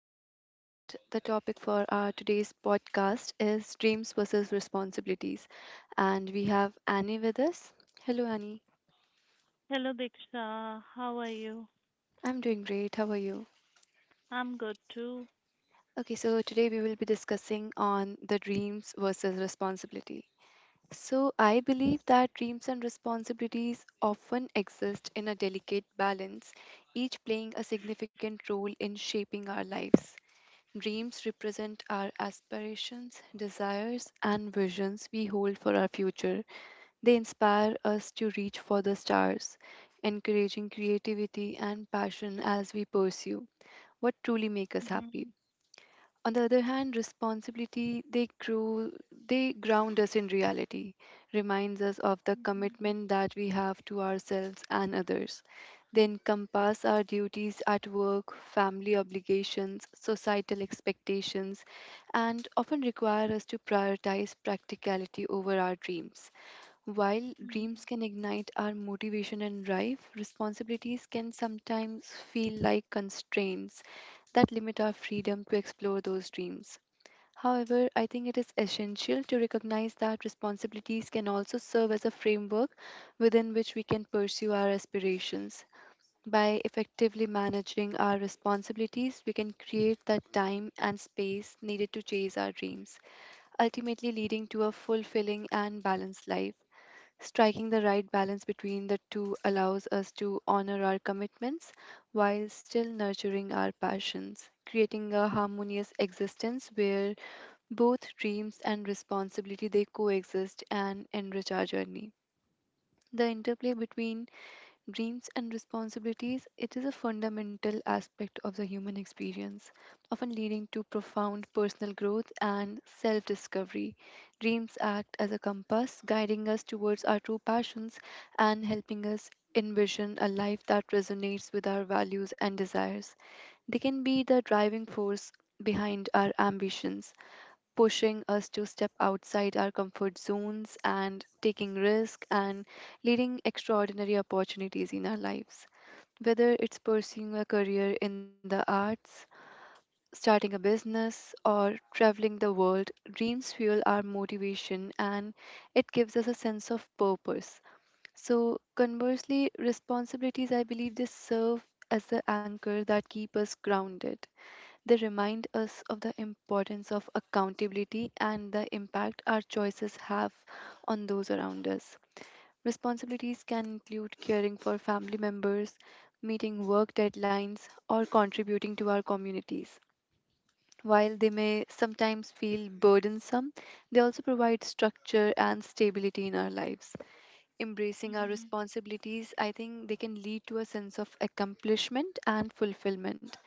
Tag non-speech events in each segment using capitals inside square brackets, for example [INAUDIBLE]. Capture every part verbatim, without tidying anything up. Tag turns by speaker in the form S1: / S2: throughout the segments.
S1: Deeksha, and the topic for our today's podcast is dreams versus responsibilities. And we have Annie with us. Hello, Annie.
S2: Hello, Diksha. How are you?
S1: I'm doing great. How are you?
S2: I'm good too.
S1: Okay, so today we will be discussing on the dreams versus responsibility. So, I believe that dreams and responsibilities often exist in a delicate balance, each playing a significant role in shaping our lives. Dreams represent our aspirations, desires, and visions we hold for our future. They inspire us to reach for the stars, encouraging creativity and passion as we pursue what truly makes us
S2: Mhm,
S1: happy. On the other hand, responsibility they grow they ground us in reality, reminds us of the
S2: mhm,
S1: commitment that we have to ourselves and others. They encompass our duties at work, family obligations, societal expectations, and often require us to prioritize practicality over our dreams. While
S2: mhm,
S1: dreams can ignite our motivation and drive, responsibilities can sometimes feel like constraints that limit our freedom to explore those dreams. However, I think it is essential to recognize that responsibilities can also serve as a framework within which we can pursue our aspirations. By effectively managing our responsibilities, we can create that time and space needed to chase our dreams, ultimately leading to a fulfilling and balanced life. Striking the right balance between the two allows us to honor our commitments while still nurturing our passions, creating a harmonious existence where both dreams and responsibility they coexist and enrich our journey. The interplay between dreams and responsibilities, it is a fundamental aspect of the human experience, often leading to profound personal growth and self discovery. Dreams act as a compass, guiding us towards our true passions and helping us envision a life that resonates with our values and desires. They can be the driving force behind our ambitions pushing us to step outside our comfort zones and taking risk and leading extraordinary opportunities in our lives. Whether it's pursuing a career in the arts, starting a business, or traveling the world, dreams fuel our motivation and it gives us a sense of purpose. So, conversely, responsibilities, I believe, they serve as the anchor that keep us grounded. They remind us of the importance of accountability and the impact our choices have on those around us. Responsibilities can include caring for family members, meeting work deadlines, or contributing to our communities. While they may sometimes feel burdensome, they also provide structure and stability in our lives. Embracing our
S2: mhm.
S1: responsibilities, I think they can lead to a sense of accomplishment and fulfillment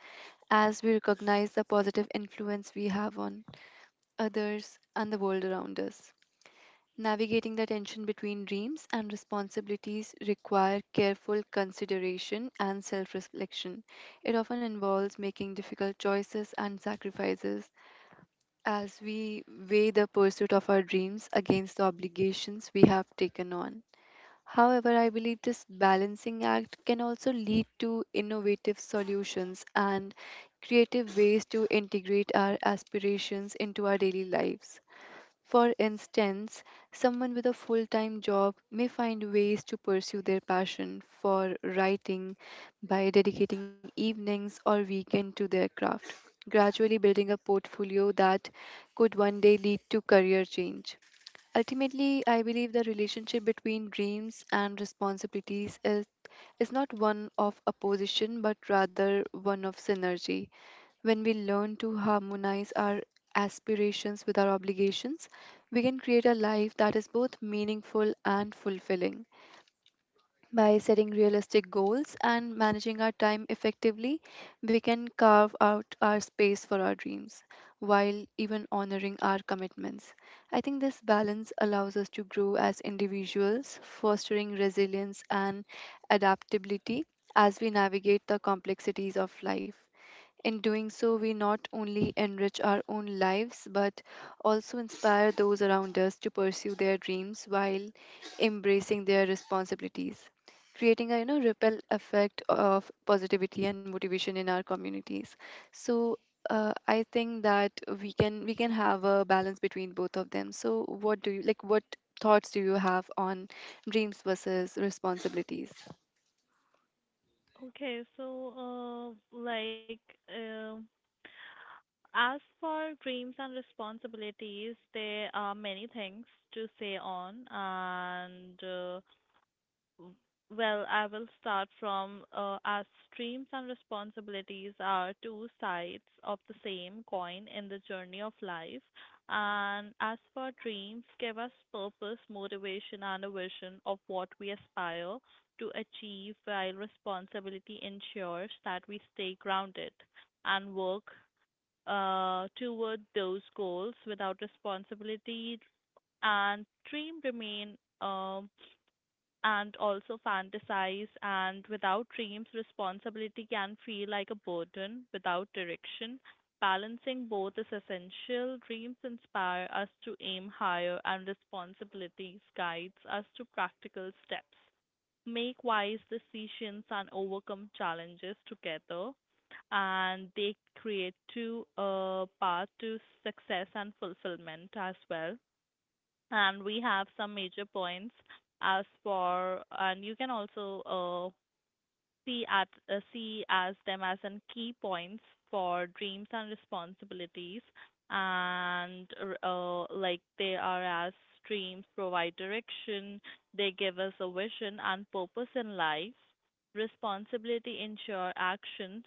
S1: as we recognize the positive influence we have on others and the world around us. Navigating the tension between dreams and responsibilities require careful consideration and self-reflection. It often involves making difficult choices and sacrifices as we weigh the pursuit of our dreams against the obligations we have taken on. However, I believe this balancing act can also lead to innovative solutions and creative ways to integrate our aspirations into our daily lives. For instance, someone with a full time job may find ways to pursue their passion for writing by dedicating evenings or weekend to their craft, gradually building a portfolio that could one day lead to career change. Ultimately, I believe the relationship between dreams and responsibilities is, is not one of opposition but rather one of synergy. When we learn to harmonize our aspirations with our obligations, we can create a life that is both meaningful and fulfilling. By setting realistic goals and managing our time effectively, we can carve out our space for our dreams while even honoring our commitments. I think this balance allows us to grow as individuals, fostering resilience and adaptability as we navigate the complexities of life. In doing so, we not only enrich our own lives but also inspire those around us to pursue their dreams while embracing their responsibilities, creating a you know ripple effect of positivity and motivation in our communities. So uh, I think that we can we can have a balance between both of them. So what do you like? What thoughts do you have on dreams versus responsibilities?
S2: Okay, so uh, like uh, as for dreams and responsibilities, there are many things to say on, and uh, W- Well, I will start from uh, our streams and responsibilities are two sides of the same coin in the journey of life. And as for dreams, give us purpose, motivation, and a vision of what we aspire to achieve, while responsibility ensures that we stay grounded and work uh, toward those goals without responsibility and dream remain. Um, and also fantasize, and without dreams responsibility can feel like a burden without direction. Balancing both is essential. Dreams inspire us to aim higher, and responsibilities guides us to practical steps, make wise decisions, and overcome challenges together, and they create two uh, path to success and fulfillment as well. And we have some major points, as for, and you can also uh, see at uh, see as them as in key points for dreams and responsibilities. And uh, Like they are as: dreams provide direction, they give us a vision and purpose in life. Responsibility ensure actions,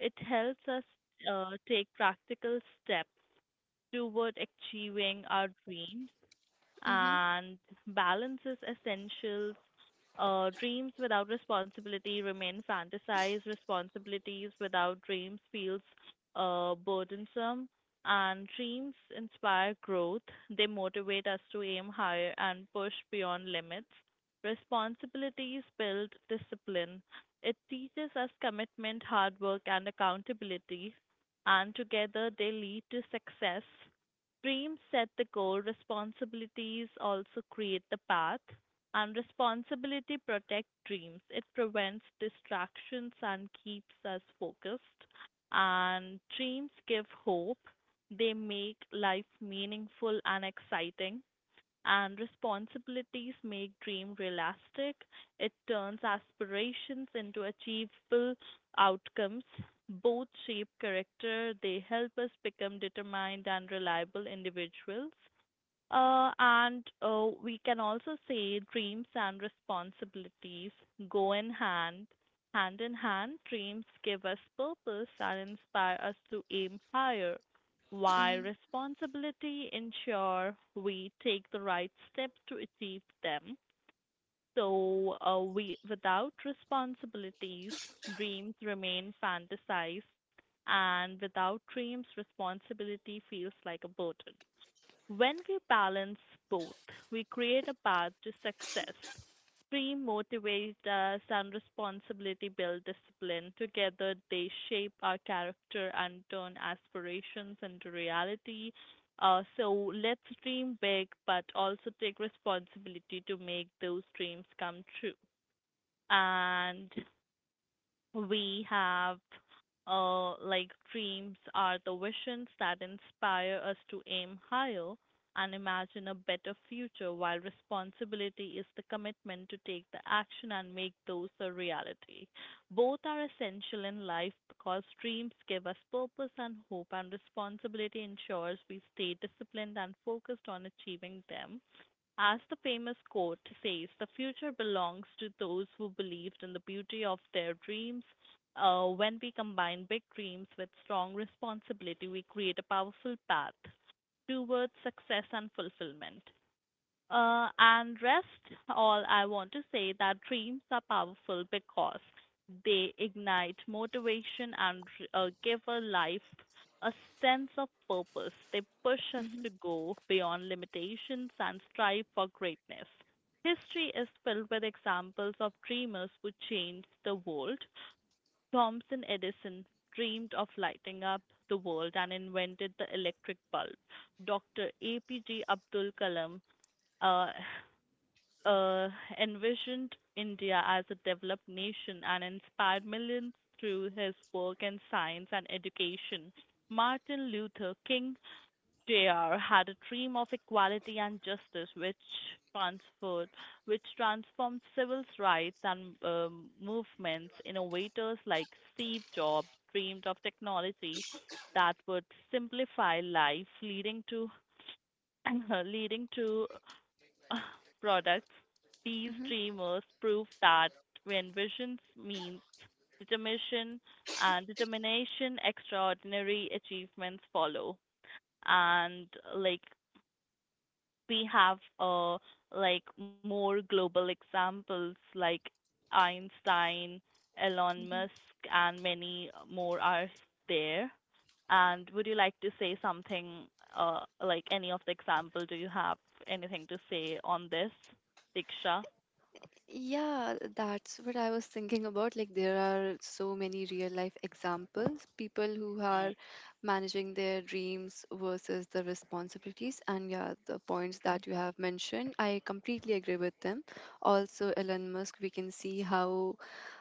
S2: it helps us uh, take practical steps toward achieving our dreams.
S1: Mm-hmm,
S2: And balances essentials. Uh, dreams without responsibility remain fantasized. Responsibilities without dreams feels uh, burdensome. And dreams inspire growth. They motivate us to aim higher and push beyond limits. Responsibilities build discipline. It teaches us commitment, hard work, and accountability. And together they lead to success. Dreams set the goal, responsibilities also create the path, and responsibility protect dreams. It prevents distractions and keeps us focused. And dreams give hope. They make life meaningful and exciting, and responsibilities make dream realistic. It turns aspirations into achievable outcomes. Both shape character, they help us become determined and reliable individuals. Uh, and uh, We can also say dreams and responsibilities go in hand, hand in hand. Dreams give us purpose and inspire us to aim higher, while responsibility ensure we take the right steps to achieve them. So, uh, we without responsibilities, dreams remain fantasized, and without dreams, responsibility feels like a burden. When we balance both, we create a path to success. Dream motivates us and responsibility build discipline. Together, they shape our character and turn aspirations into reality. Uh, so let's dream big, but also take responsibility to make those dreams come true. And we have uh, Like, dreams are the visions that inspire us to aim higher and imagine a better future, while responsibility is the commitment to take the action and make those a reality. Both are essential in life because dreams give us purpose and hope, and responsibility ensures we stay disciplined and focused on achieving them. As the famous quote says, the future belongs to those who believed in the beauty of their dreams. Uh, when we combine big dreams with strong responsibility, we create a powerful path towards success and fulfillment. Uh, and rest all I want to say that dreams are powerful because they ignite motivation and uh, give a life a sense of purpose. They push us
S1: mm-hmm,
S2: to go beyond limitations and strive for greatness. History is filled with examples of dreamers who changed the world. Thomson Edison dreamed of lighting up the world and invented the electric bulb. Doctor A P J Abdul Kalam uh, uh, envisioned India as a developed nation and inspired millions through his work in science and education. Martin Luther King Junior had a dream of equality and justice, which transferred, which transformed civil rights and um, movements. Innovators like Steve Jobs dreamed of technology that would simplify life, leading to [CLEARS THROAT] leading to [LAUGHS] [SIGHS] products, these
S1: mm-hmm.
S2: dreamers prove that when visions means determination and determination, extraordinary achievements follow. And like we have uh, Like more global examples like Einstein, Elon Musk, and many more are there. And would you like to say something, uh, like any of the example? Do you have anything to say on this, Diksha?
S1: Yeah, that's what I was thinking about. Like, there are so many real life examples, people who
S2: Mm-hmm.
S1: are managing their dreams versus the responsibilities. And yeah, the points that you have mentioned, I completely agree with them. Also, Elon Musk, we can see how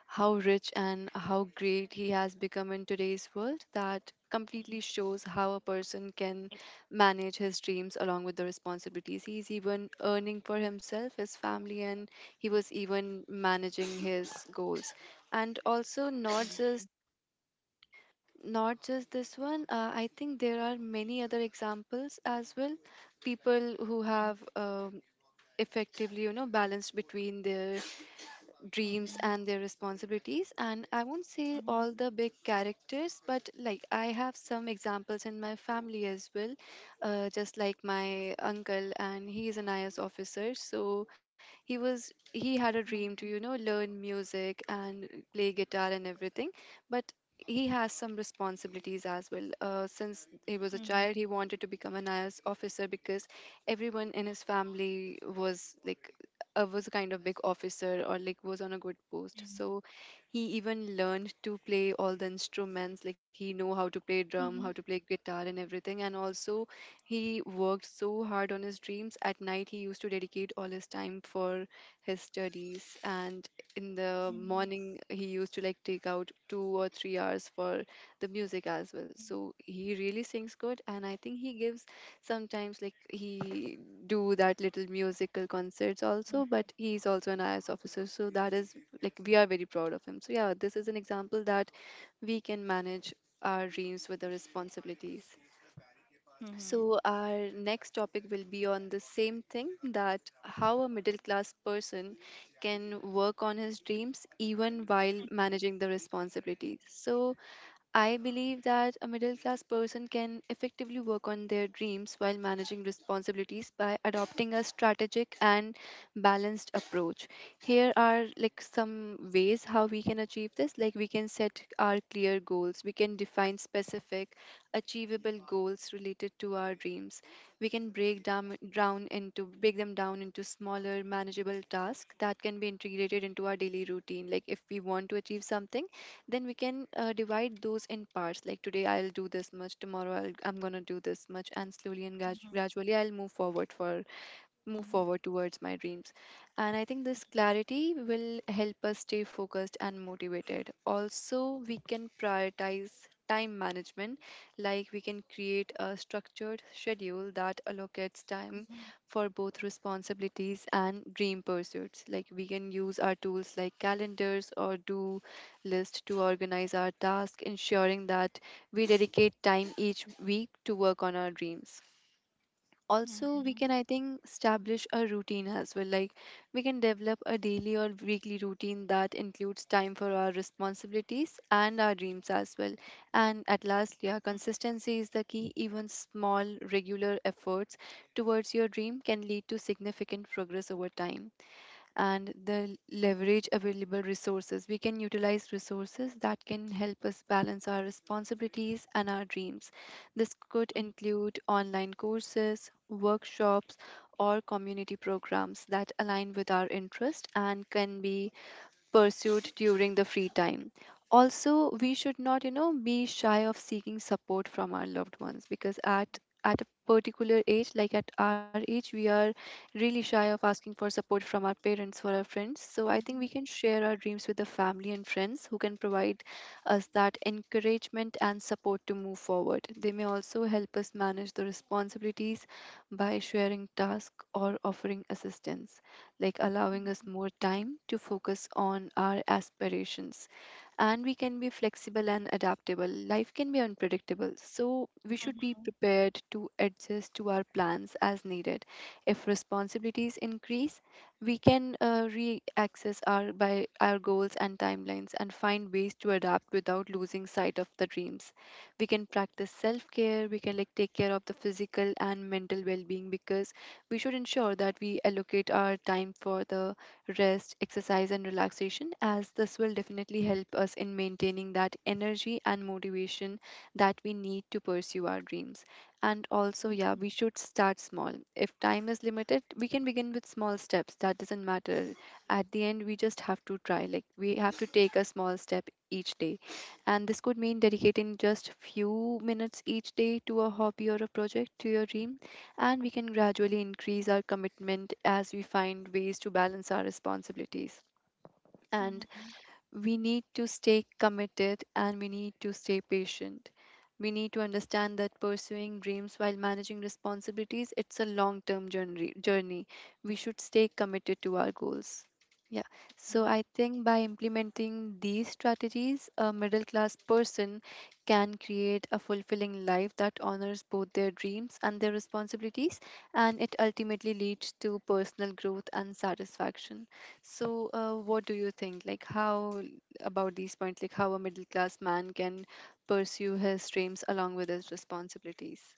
S1: how rich and how great he has become in today's world. That completely shows how a person can manage his dreams along with the responsibilities. He's even earning for himself, his family, and he was even managing his goals and also not just not just this one. uh, I think there are many other examples as well, people who have um, effectively you know balanced between their dreams
S2: Mm-hmm.
S1: and their responsibilities, and I won't say all the big characters, but like I have some examples in my family as well. Uh, just like my uncle, and he is an I A S officer. So he was he had a dream to, you know, learn music and play guitar and everything, but he has some responsibilities as well. Uh, since he was a
S2: Mm-hmm.
S1: child, he wanted to become an I A S officer because everyone in his family was like, uh, was a kind of big officer or like was on a good post.
S2: Mm-hmm.
S1: So he even learned to play all the instruments. Like, he know how to play drum, how to
S2: Mm-hmm.
S1: play guitar, and everything. And also, he worked so hard on his dreams. At night, he used to dedicate all his time for his studies, and in the morning, he used to like take out two or three hours for the music as well. So he really sings good, and I think he gives sometimes, like, he do that little musical concerts also. But he's also an I S officer, so that is like, we are very proud of him. So yeah, this is an example that we can manage our dreams with the responsibilities.
S2: Mm-hmm. Hmm hmm
S1: So our next topic will be on the same thing, that how a middle class person can work on his dreams even while managing the responsibilities. So I believe that a middle class person can effectively work on their dreams while managing responsibilities by adopting a strategic and balanced approach. Here are like some ways how we can achieve this. Like, we can set our clear goals, we can define specific, achievable goals related to our dreams. We can break down down into break them down into smaller manageable tasks that can be integrated into our daily routine. Like, if we want to achieve something, then we can uh, divide those in parts, like today I'll do this much, tomorrow I'll, I'm going to do this much, and slowly and grad- gradually, I'll move forward for move forward towards my dreams. And I think this clarity will help us stay focused and motivated. Also, we can prioritize time management, like we can create a structured schedule that allocates time for both responsibilities and dream pursuits. Like, we can use our tools like calendars or do list to organize our tasks, ensuring that we dedicate time each week to work on our dreams. Also, we can, I think, establish a routine as well. Like, we can develop a daily or weekly routine that includes time for our responsibilities and our dreams as well. And at last, yeah, consistency is the key. Even small regular efforts towards your dream can lead to significant progress over time. And the leverage available resources. We can utilize resources that can help us balance our responsibilities and our dreams. This could include online courses, workshops, or community programs that align with our interest and can be pursued during the free time. Also, we should not, you know, be shy of seeking support from our loved ones, because at at a particular age, like at our age, we are really shy of asking for support from our parents or our friends. So I think we can share our dreams with the family and friends who can provide us that encouragement and support to move forward. They may also help us manage the responsibilities by sharing tasks or offering assistance, like allowing us more time to focus on our aspirations. And we can be flexible and adaptable. Life can be unpredictable, so we should be prepared to adjust to our plans as needed. If responsibilities increase, we can uh, re-access our by our goals and timelines and find ways to adapt without losing sight of the dreams. We can practice self-care, we can like take care of the physical and mental well-being, because we should ensure that we allocate our time for the rest, exercise, and relaxation, as this will definitely help us in maintaining that energy and motivation that we need to pursue our dreams. And also, yeah, we should start small. If time is limited, we can begin with small steps. That doesn't matter. At the end, we just have to try. Like, we have to take a small step each day. And this could mean dedicating just few minutes each day to a hobby or a project to your dream, and we can gradually increase our commitment as we find ways to balance our responsibilities.
S2: hmm
S1: And
S2: hmm hmm.
S1: we need to stay committed and we need to stay patient. We need to understand that pursuing dreams while managing responsibilities, it's a long-term journey. Journey. We should stay committed to our goals. Yeah. So I think by implementing these strategies, a middle class person can create a fulfilling life that honors both their dreams and their responsibilities, and it ultimately leads to personal growth and satisfaction. So, uh, what do you think? Like, how about these points? Like, how a middle class man can pursue his dreams along with his responsibilities?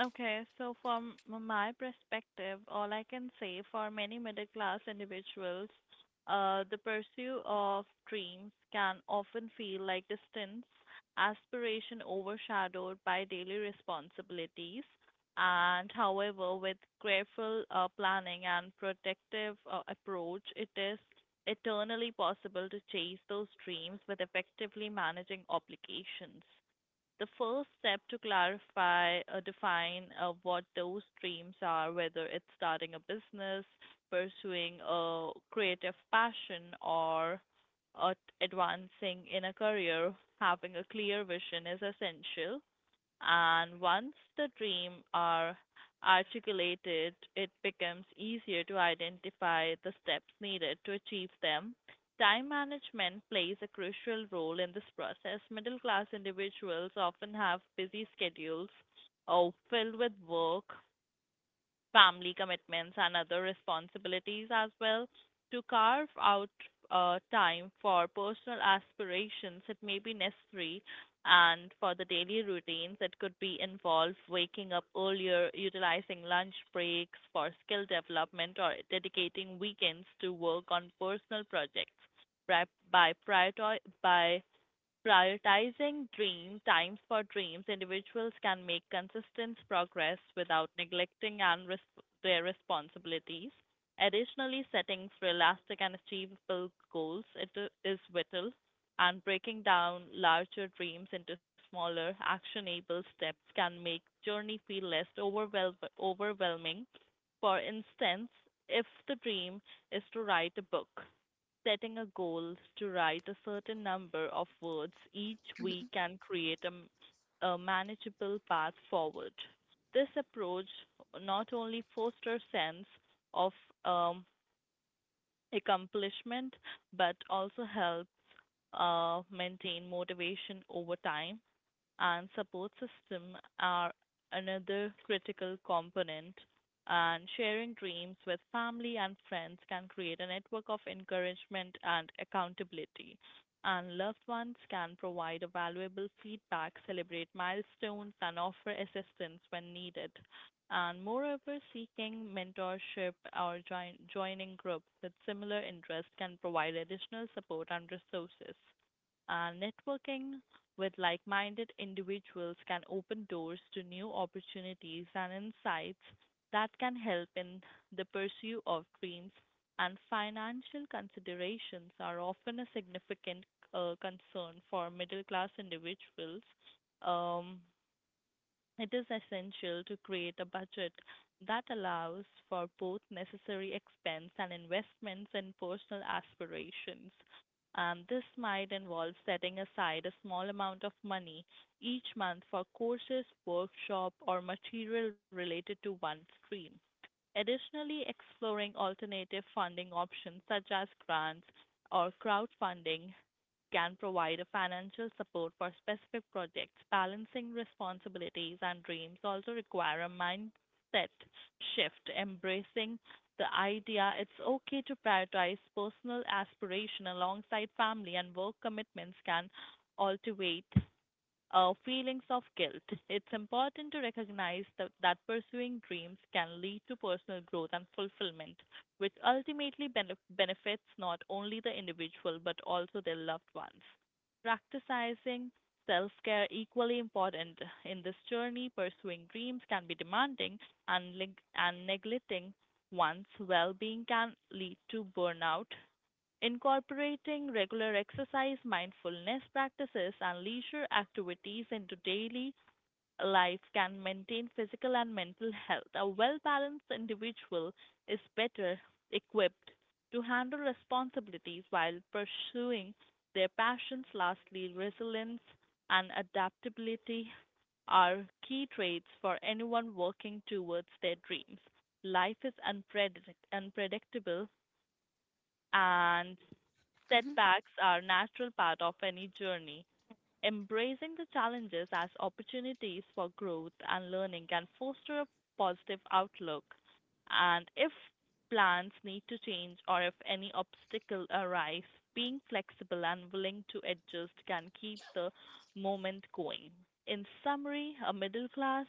S2: Okay, so from m- my perspective, all I can say for many middle class individuals, uh, the pursuit of dreams can often feel like distance, aspiration overshadowed by daily responsibilities. And however, with careful uh, planning and protective uh, approach, it is eternally possible to chase those dreams with effectively managing obligations. The first step to clarify uh, define uh, what those dreams are, whether it's starting a business, pursuing a creative passion, or uh, advancing in a career. Having a clear vision is essential, and once the dream are articulated, it becomes easier to identify the steps needed to achieve them. Time management plays a crucial role in this process. Middle class individuals often have busy schedules uh, filled with work, family commitments, and other responsibilities as well. To carve out uh, time for personal aspirations, it may be necessary, and for the daily routines, it could be involve waking up earlier, utilizing lunch breaks for skill development, or dedicating weekends to work on personal projects. Pri- By priori- by prioritizing dream times for dreams, individuals can make consistent progress without neglecting and res- their responsibilities. Additionally, setting realistic and achievable goals it i- is vital, and breaking down larger dreams into smaller, actionable steps can make journey feel less overwhelm- overwhelming. For instance, if the dream is to write a book, setting a goal to write a certain number of words each week can create a, m- a manageable path forward. This approach not only fosters sense of um, accomplishment but also help uh, maintain motivation over time. And support system are another critical component. And sharing dreams with family and friends can create a network of encouragement and accountability. And loved ones can provide a valuable feedback, celebrate milestones, and offer assistance when needed. And moreover, seeking mentorship or join, joining groups with similar interests can provide additional support and resources, and networking with like minded individuals can open doors to new opportunities and insights that can help in the pursuit of dreams. And financial considerations are often a significant uh, concern for middle class individuals. Um, it is essential to create a budget that allows for both necessary expense and investments in personal aspirations. Um, this might involve setting aside a small amount of money each month for courses, workshop, or material related to one stream. Additionally, exploring alternative funding options such as grants or crowdfunding can provide a financial support for specific projects. Balancing responsibilities and dreams also require a mindset shift, embracing the idea it's okay to prioritize personal aspiration alongside family and work commitments, can ultivate uh, feelings of guilt. [LAUGHS] It's important to recognize that, that pursuing dreams can lead to personal growth and fulfillment, which ultimately benef- benefits not only the individual but also their loved ones. Practicing self care equally important in this journey. Pursuing dreams can be demanding, and, leg- and neglecting one's well being can lead to burnout. Incorporating regular exercise, mindfulness practices, and leisure activities into daily life can maintain physical and mental health. A well balanced individual is better equipped to handle responsibilities while pursuing their passions. Lastly, resilience and adaptability are key traits for anyone working towards their dreams. Life is unpredict- unpredictable, and setbacks are natural part of any journey. Embracing the challenges as opportunities for growth and learning can foster a positive outlook. And if plans need to change or if any obstacle arise, being flexible and willing to adjust can keep the moment going. In summary, a middle class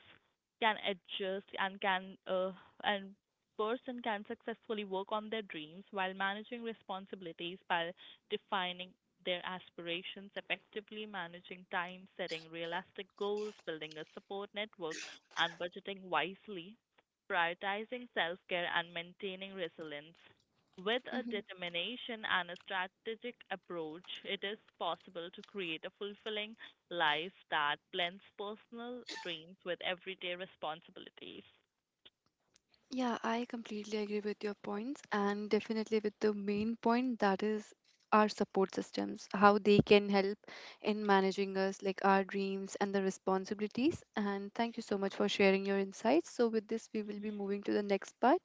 S2: can adjust and can uh, and person can successfully work on their dreams while managing responsibilities by defining their aspirations, effectively managing time, setting realistic goals, building a support network, and budgeting wisely, prioritizing self care, and maintaining resilience. With a
S1: Mm-hmm.
S2: determination and a strategic approach, it is possible to create a fulfilling life that blends personal dreams with everyday responsibilities.
S1: Yeah, I completely agree with your points, and definitely with the main point that is our support systems, how they can help in managing us, like our dreams and the responsibilities. And thank you so much for sharing your insights. So, with this, we will be moving to the next part,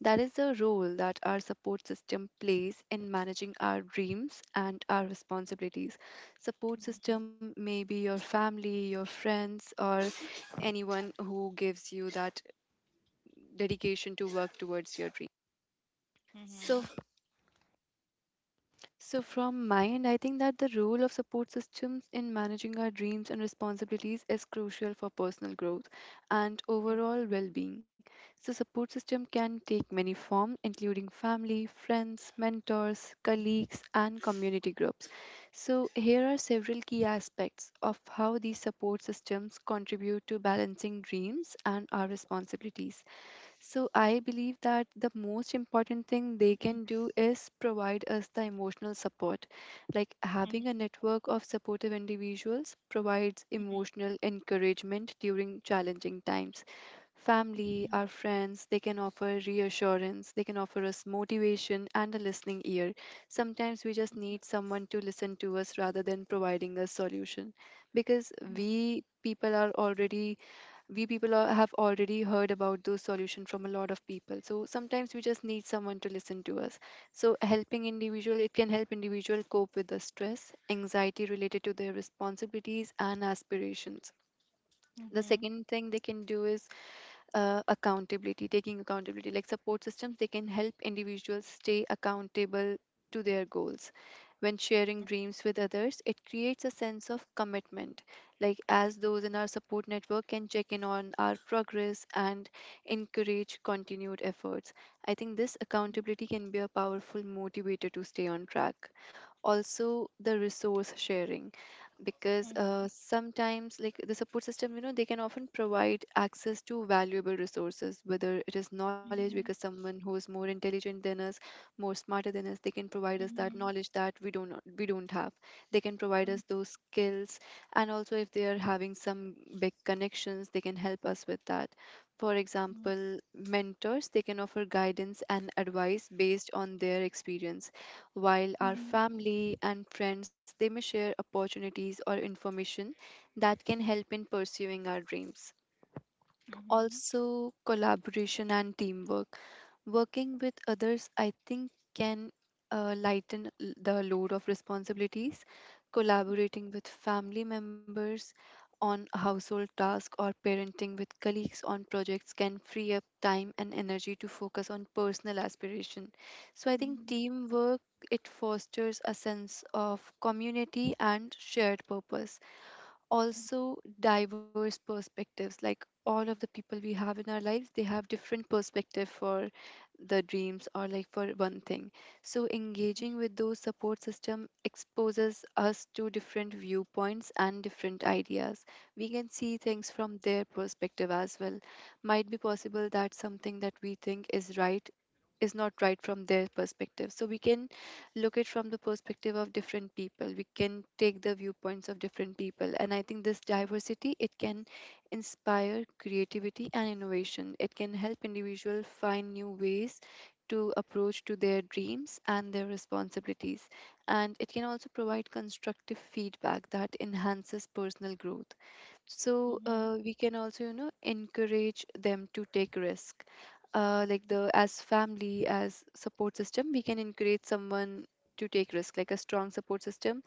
S1: that is the role that our support system plays in managing our dreams and our responsibilities. Support system may be your family, your friends, or anyone who gives you that dedication to work towards your dream. So,
S2: Mm-hmm.
S1: f- so from my end, I think that the role of support systems in managing our dreams and responsibilities is crucial for personal growth and overall well-being. So, support system can take many forms, including family, friends, mentors, colleagues, and community groups. So, here are several key aspects of how these support systems contribute to balancing dreams and our responsibilities. So I believe that the most important thing they
S2: Mm-hmm.
S1: can do is provide us the emotional support. Like, having a
S2: Mm-hmm.
S1: network of supportive individuals provides emotional encouragement during challenging times. Family, our friends, they can offer reassurance, they can offer us motivation and a listening ear. Sometimes we just need someone to listen to us rather than providing a solution, because
S2: Mm-hmm.
S1: we people are already, we people al- have already heard about those solutions from a lot of people, so sometimes we just need someone to listen to us. So helping individual, it can help individual cope with the stress, anxiety related to their responsibilities and aspirations. The
S2: Mm-hmm.
S1: second thing they can do is, uh, accountability, taking accountability. Like, support systems, they can help individuals stay accountable to their goals. When sharing dreams with others, it creates a sense of commitment, like, as those in our support network can check in on our progress and encourage continued efforts. I think this accountability can be a powerful motivator to stay on track. Also, the resource sharing, because uh, sometimes, like, the support system, you know, they can often provide access to valuable resources, whether it is knowledge, because someone who is more intelligent than us, more smarter than us, they can provide us that
S2: Mm-hmm.
S1: knowledge that we don't we don't have. They can provide us those skills. And also, if they are having some big connections, they can help us with that. For
S2: Mm-hmm.
S1: example, mentors, they can offer guidance and advice based on their experience, while our
S2: Mm-hmm.
S1: family and friends, they may share opportunities or information that can help in pursuing our dreams.
S2: Mhm.
S1: Also, collaboration and teamwork. Working with others, I think, can uh, lighten l- the load of responsibilities. Collaborating with family members on household tasks, or parenting with colleagues on projects, can free up time and energy to focus on personal aspiration. So I think
S2: Mhm.
S1: teamwork, it fosters a sense of community and shared purpose. Also, diverse perspectives. Like, all of the people we have in our lives, they have different perspective for the dreams, or like for one thing. So engaging with those support system exposes us to different viewpoints and different ideas. We can see things from their perspective as well. Might be possible that something that we think is right is not right from their perspective, so we can look at from the perspective of different people, we can take the viewpoints of different people, and I think this diversity, it can inspire creativity and innovation. It can help individual find new ways to approach to their dreams and their responsibilities, and it can also provide constructive feedback that enhances personal growth. So uh,
S2: Mhm.
S1: we can also, you know, encourage them to take risk. Uh, like, the, as family, as support system, we can encourage someone to take risk. Like, a strong support system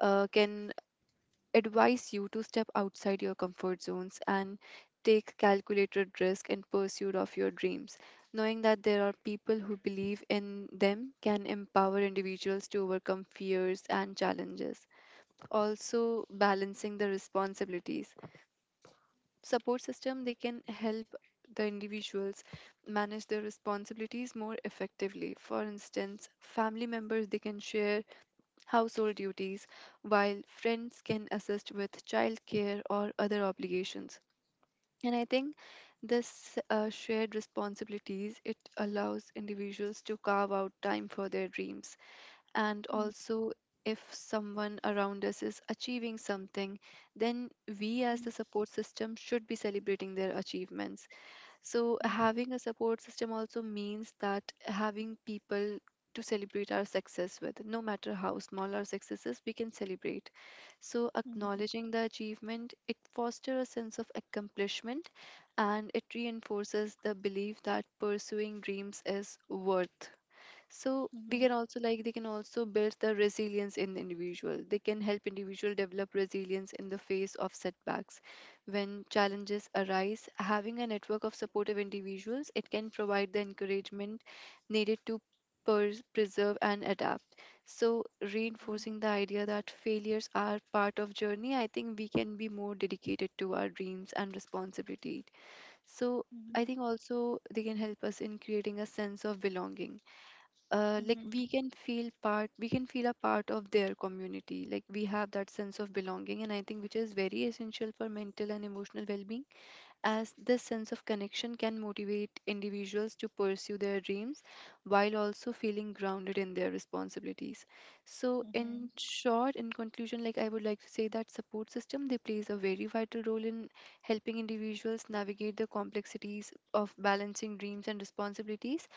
S1: uh, can advise you to step outside your comfort zones and take calculated risk in pursuit of your dreams. Knowing that there are people who believe in them can empower individuals to overcome fears and challenges. Also, balancing the responsibilities, support system, they can help the individuals manage their responsibilities more effectively. For instance, family members, they can share household duties, while friends can assist with childcare or other obligations. And I think this uh, shared responsibilities, it allows individuals to carve out time for their dreams. And
S2: Mhm.
S1: also, if someone around us is achieving something, then we, as the support system, should be celebrating their achievements. So,
S2: Mhm.
S1: having a support system also means that having people to celebrate our success with. No matter how small our success is, we can celebrate. So,
S2: Mhm.
S1: acknowledging the achievement, it fosters a sense of accomplishment, and it reinforces the belief that pursuing dreams is worth. So
S2: Mhm. Mhm.
S1: we
S2: Mhm.
S1: can also, like, they can also build the resilience in the individual. They can help individual develop resilience in the face of setbacks. When challenges arise, having a network of supportive individuals, it can provide the encouragement needed to pers- preserve and adapt. So reinforcing the idea that failures are part of journey, I think we can be more dedicated to our dreams and responsibility. So I
S2: Mhm.
S1: think also they can help us in creating a sense of belonging. Uh, like,
S2: Mhm.
S1: we can feel part we can feel a part of their community, like, we have that sense of belonging, and I think which is very essential for mental and emotional well-being, as this sense of connection can motivate individuals to pursue their dreams while also feeling grounded in their responsibilities. So in short in conclusion like, I would like to say that support system, they plays a very vital role in helping individuals navigate the complexities of balancing dreams and responsibilities.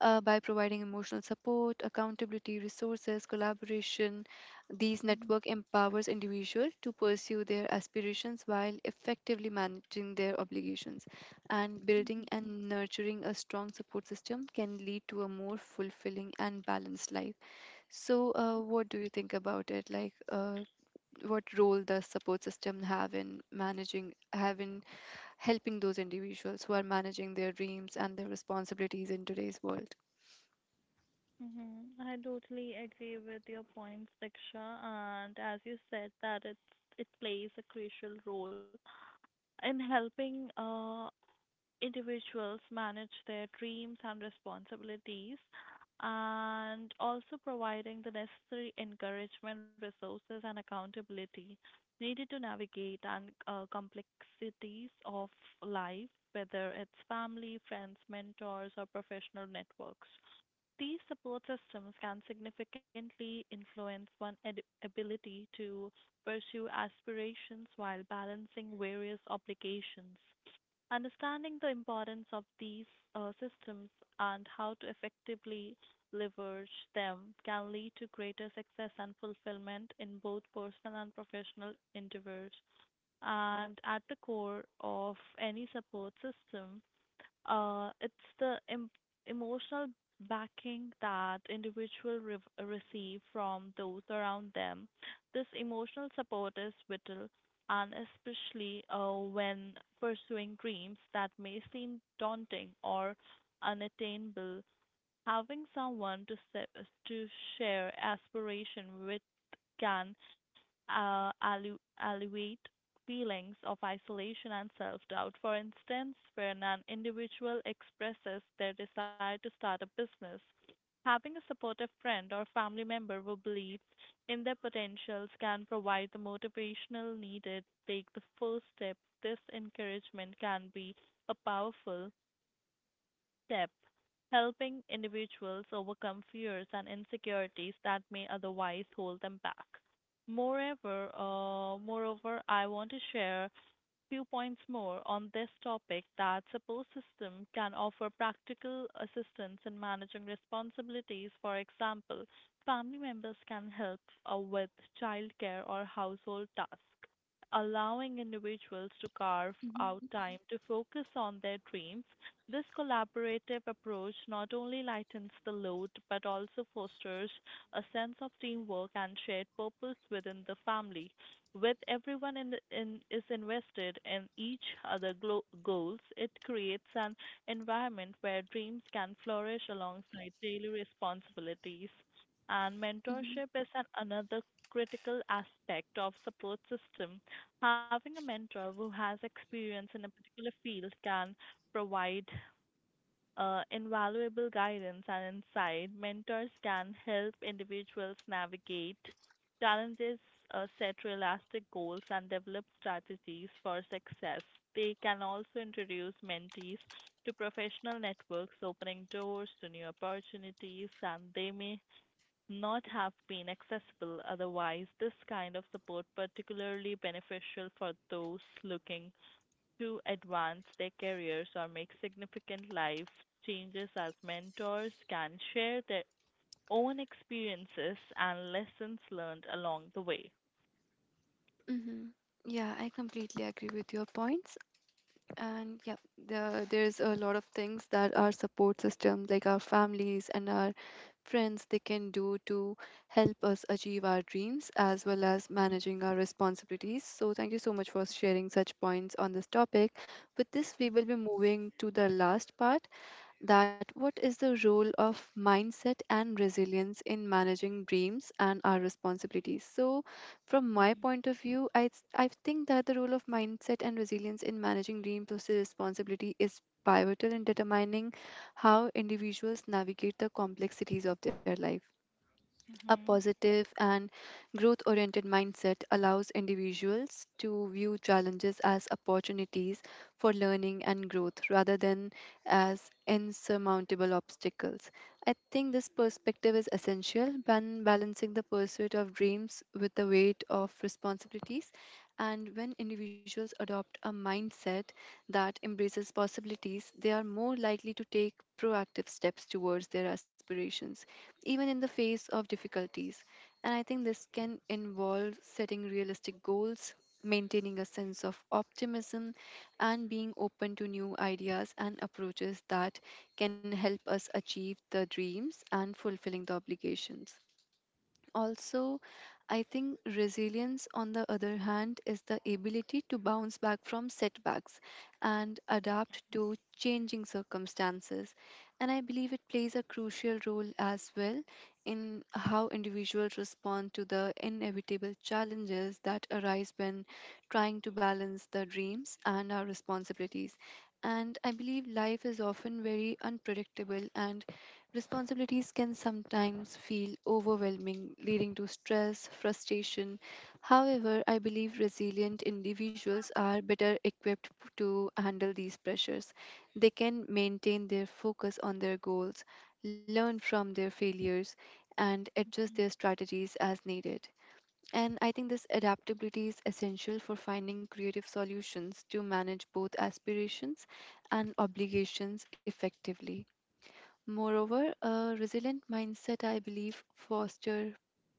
S1: Uh, by providing emotional support, accountability, resources, collaboration, these
S2: Mhm.
S1: network empowers individuals to pursue their aspirations while effectively managing their obligations, and building
S2: Mhm.
S1: and nurturing a strong support system can lead to a more fulfilling and balanced life. So, uh, what do you think about it? Like, uh, what role does support system have in managing, have in helping those individuals who are managing their dreams and their responsibilities in today's world?
S2: Mhm. I totally agree with your points, Diksha, and as you said that it's it plays a crucial role in helping uh individuals manage their dreams and responsibilities, and also providing the necessary encouragement, resources, and accountability needed to navigate and uh, complexities of life, whether it's family, friends, mentors, or professional networks. These support systems can significantly influence one's ed- ability to pursue aspirations while balancing various obligations. Understanding the importance of these uh, systems and how to effectively leverage them can lead to greater success and fulfillment in both personal and professional endeavors. And at the core of any support system, uh, it's the em- emotional backing that individual re- receive from those around them. This emotional support is vital, and especially uh, when pursuing dreams that may seem daunting or unattainable. Having someone to sa- to share aspiration with can uh, allu- alleviate feelings of isolation and self-doubt. For instance, when an individual expresses their desire to start a business, having a supportive friend or family member who believes in their potentials can provide the motivational needed to take the first step. This encouragement can be a powerful step, helping individuals overcome fears and insecurities that may otherwise hold them back. Moreover, uh, moreover, I want to share few points more on this topic that support system can offer practical assistance in managing responsibilities. For example, family members can help uh, with childcare or household tasks, allowing individuals to carve out time to focus on their dreams. This collaborative approach not only lightens the load but also fosters a sense of teamwork and shared purpose within the family, with everyone in, in is invested in each other glo- goals, it creates an environment where dreams can flourish alongside daily responsibilities. And mentorship is an another critical aspect of support system. Having a mentor who has experience in a particular field can provide uh, invaluable guidance and insight. Mentors can help individuals navigate challenges, uh, set realistic goals, and develop strategies for success. They can also introduce mentees to professional networks, opening doors to new opportunities, and they may not have been accessible otherwise. This kind of support particularly beneficial for those looking to advance their careers or make significant life changes, as mentors can share their own experiences and lessons learned along the way.
S1: Hmm. Yeah, I completely agree with your points. And yeah, the, there's a lot of things that our support system, like our families and our friends, they can do to help us achieve our dreams as well as managing our responsibilities. So, thank you so much for sharing such points on this topic. With this, we will be moving to the last part, that what is the role of mindset and resilience in managing dreams and our responsibilities. So from my
S2: Mm-hmm.
S1: point of view I th- I think that the role of mindset and resilience in managing dream plus responsibility is pivotal in determining how individuals navigate the complexities of their life. A
S2: Mm-hmm.
S1: positive and growth oriented mindset allows individuals to view challenges as opportunities for learning and growth, rather than as insurmountable obstacles. I think this perspective is essential when balancing the pursuit of dreams with the weight of responsibilities. And when individuals adopt a mindset that embraces possibilities, they are more likely to take proactive steps towards their aspirations, even in the face of difficulties. And I think this can involve setting realistic goals, maintaining a sense of optimism, and being open to new ideas and approaches that can help us achieve the dreams and fulfilling the obligations. Also, I think resilience, on the other hand, is the ability to bounce back from setbacks and adapt to changing circumstances. And I believe it plays a crucial role as well in how individuals respond to the inevitable challenges that arise when trying to balance the dreams and our responsibilities. And I believe life is often very unpredictable, and responsibilities can sometimes feel overwhelming, leading to stress, frustration. However, I believe resilient individuals are better equipped p- to handle these pressures. They can maintain their focus on their goals, learn from their failures, and adjust their strategies as needed. And I think this adaptability is essential for finding creative solutions to manage both aspirations and obligations effectively. Moreover, a resilient mindset, I believe, foster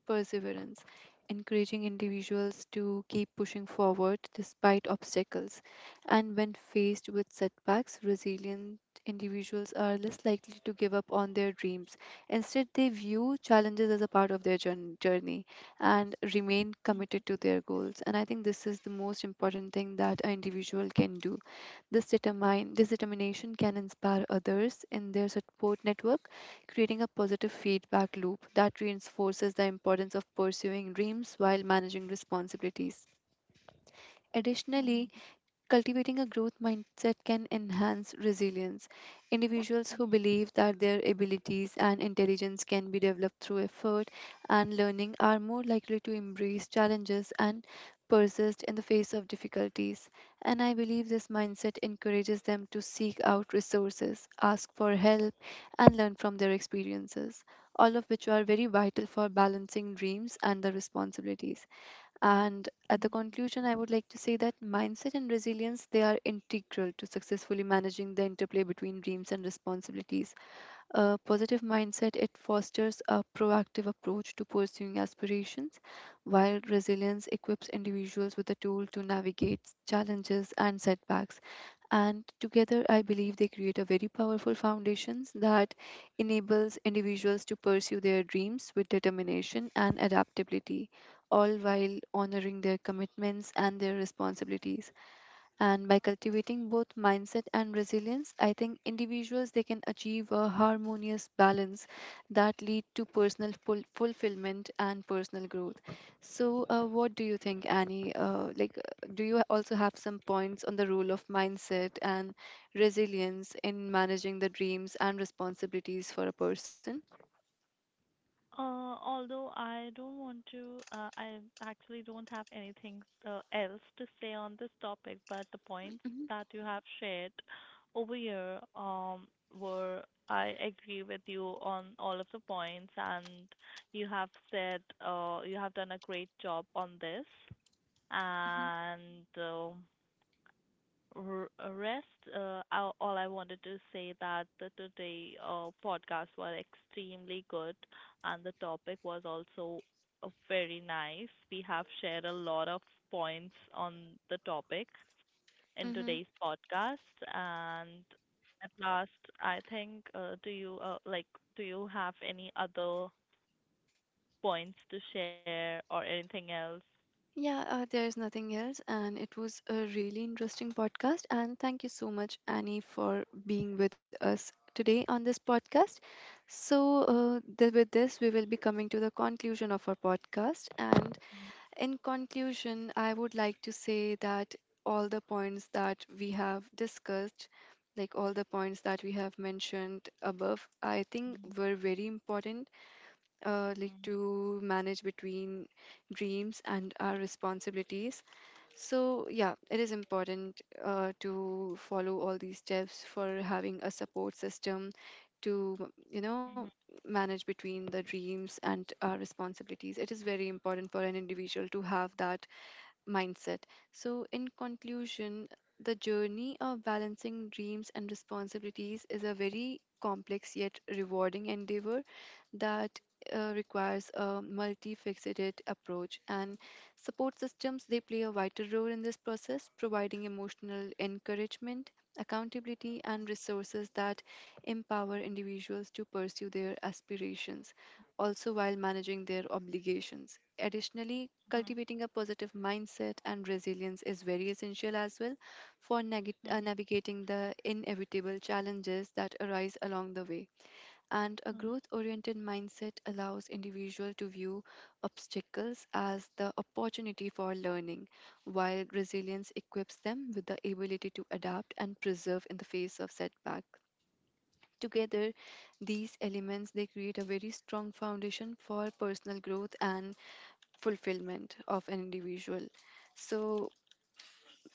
S1: perseverance, encouraging individuals to keep pushing forward despite obstacles. And when faced with setbacks, resilient individuals are less likely to give up on their dreams. Instead, they view challenges as a part of their journ- journey and remain committed to their goals. And I think this is the most important thing that an individual can do. This, determine, this determination can inspire others in their support network, creating a positive feedback loop that reinforces the importance of pursuing dreams while managing responsibilities. Additionally, cultivating a growth mindset can enhance resilience. Individuals who believe that their abilities and intelligence can be developed through effort and learning are more likely to embrace challenges and persist in the face of difficulties. And I believe this mindset encourages them to seek out resources, ask for help, and learn from their experiences, all of which are very vital for balancing dreams and the responsibilities. And at the
S2: Mm-hmm.
S1: conclusion, I would like to say that mindset and resilience they are integral to successfully managing the interplay between dreams and responsibilities. A positive mindset it fosters a proactive approach to pursuing aspirations, while resilience equips individuals with the tool to navigate challenges and setbacks. And together, I believe they create a very powerful foundations that enables individuals to pursue their dreams with determination and adaptability all while honoring their commitments and their responsibilities. And by cultivating both mindset and resilience, I think individuals they can achieve a harmonious balance that lead to personal ful- fulfillment and personal growth. So, uh, what do you think, Annie? Uh, like, uh, do you also have some points on the role of mindset and resilience in managing the dreams and responsibilities for a person?
S2: Uh, although I don't want to, uh, I actually don't have anything uh, else to say on this topic, but the points
S1: Mhm.
S2: that you have shared over here um, were, I agree with you on all of the points, and you have said uh, you have done a great job on this. And uh, r- rest. Uh, I, All I wanted to say that the today uh, podcast was extremely good, and the topic was also uh, very nice. We have shared a lot of points on the topic in
S1: Mhm.
S2: today's podcast, and at last, I think, uh, do you uh, like? Do you have any other points to share or anything else?
S1: Yeah, uh, there's nothing else. And it was a really interesting podcast. And thank you so much, Annie, for being with us today on this podcast. So, uh, th- with this, we will be coming to the conclusion of our podcast. And in conclusion, I would like to say that all the points that we have discussed, like all the points that we have mentioned above, I think
S2: Mhm,
S1: were very important uh, like
S2: mhm,
S1: to manage between dreams and our responsibilities. So yeah, it is important uh, to follow all these steps for having a support system to you know manage between the dreams and our responsibilities. It is very important for an individual to have that mindset. So in conclusion, the journey of balancing dreams and responsibilities is a very complex yet rewarding endeavor that uh, requires a multifaceted approach, and support systems they play a vital role in this process, providing emotional encouragement, accountability and resources that empower individuals to pursue their aspirations also while managing their obligations. Additionally, cultivating a positive mindset and resilience is very essential as well for neg-
S2: mhm,
S1: uh, navigating the inevitable challenges that arise along the way. And a
S2: mhm,
S1: growth-oriented mindset allows individual to view obstacles as the opportunity for learning, while resilience equips them with the ability to adapt and preserve in the face of setback. Together, these elements they create a very strong foundation for personal growth and fulfillment of an individual. So,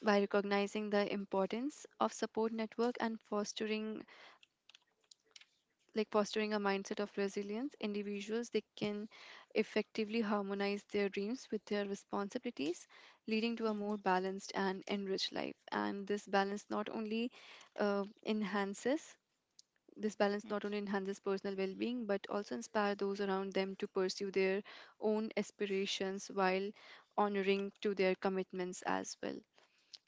S1: by recognizing the importance of support network and fostering like fostering a mindset of resilience, individuals they can effectively harmonize their dreams with their responsibilities, leading to a
S2: mhm.
S1: more balanced and enriched life. And this balance not only uh, enhances this balance not only enhances personal well-being but also inspire those around them to pursue their own aspirations while honoring to their commitments as well.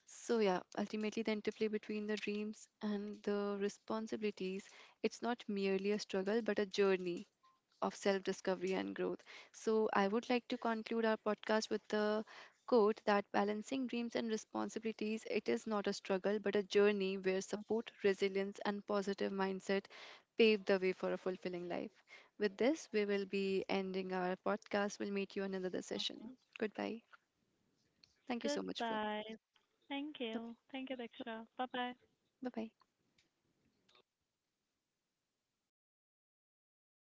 S1: So yeah, ultimately the interplay between the dreams and the responsibilities, it's not merely a struggle but a journey of self-discovery and growth. So I would like to conclude our podcast with the quote that balancing dreams and responsibilities, it is not a struggle but a journey where support, resilience and positive mindset pave the way for a fulfilling life. With this, we will be ending our podcast. We'll meet you in another session. Goodbye. Thank you so much for.
S2: Goodbye. Thank you. Thank you, Diksha. Bye-bye.
S1: Bye bye.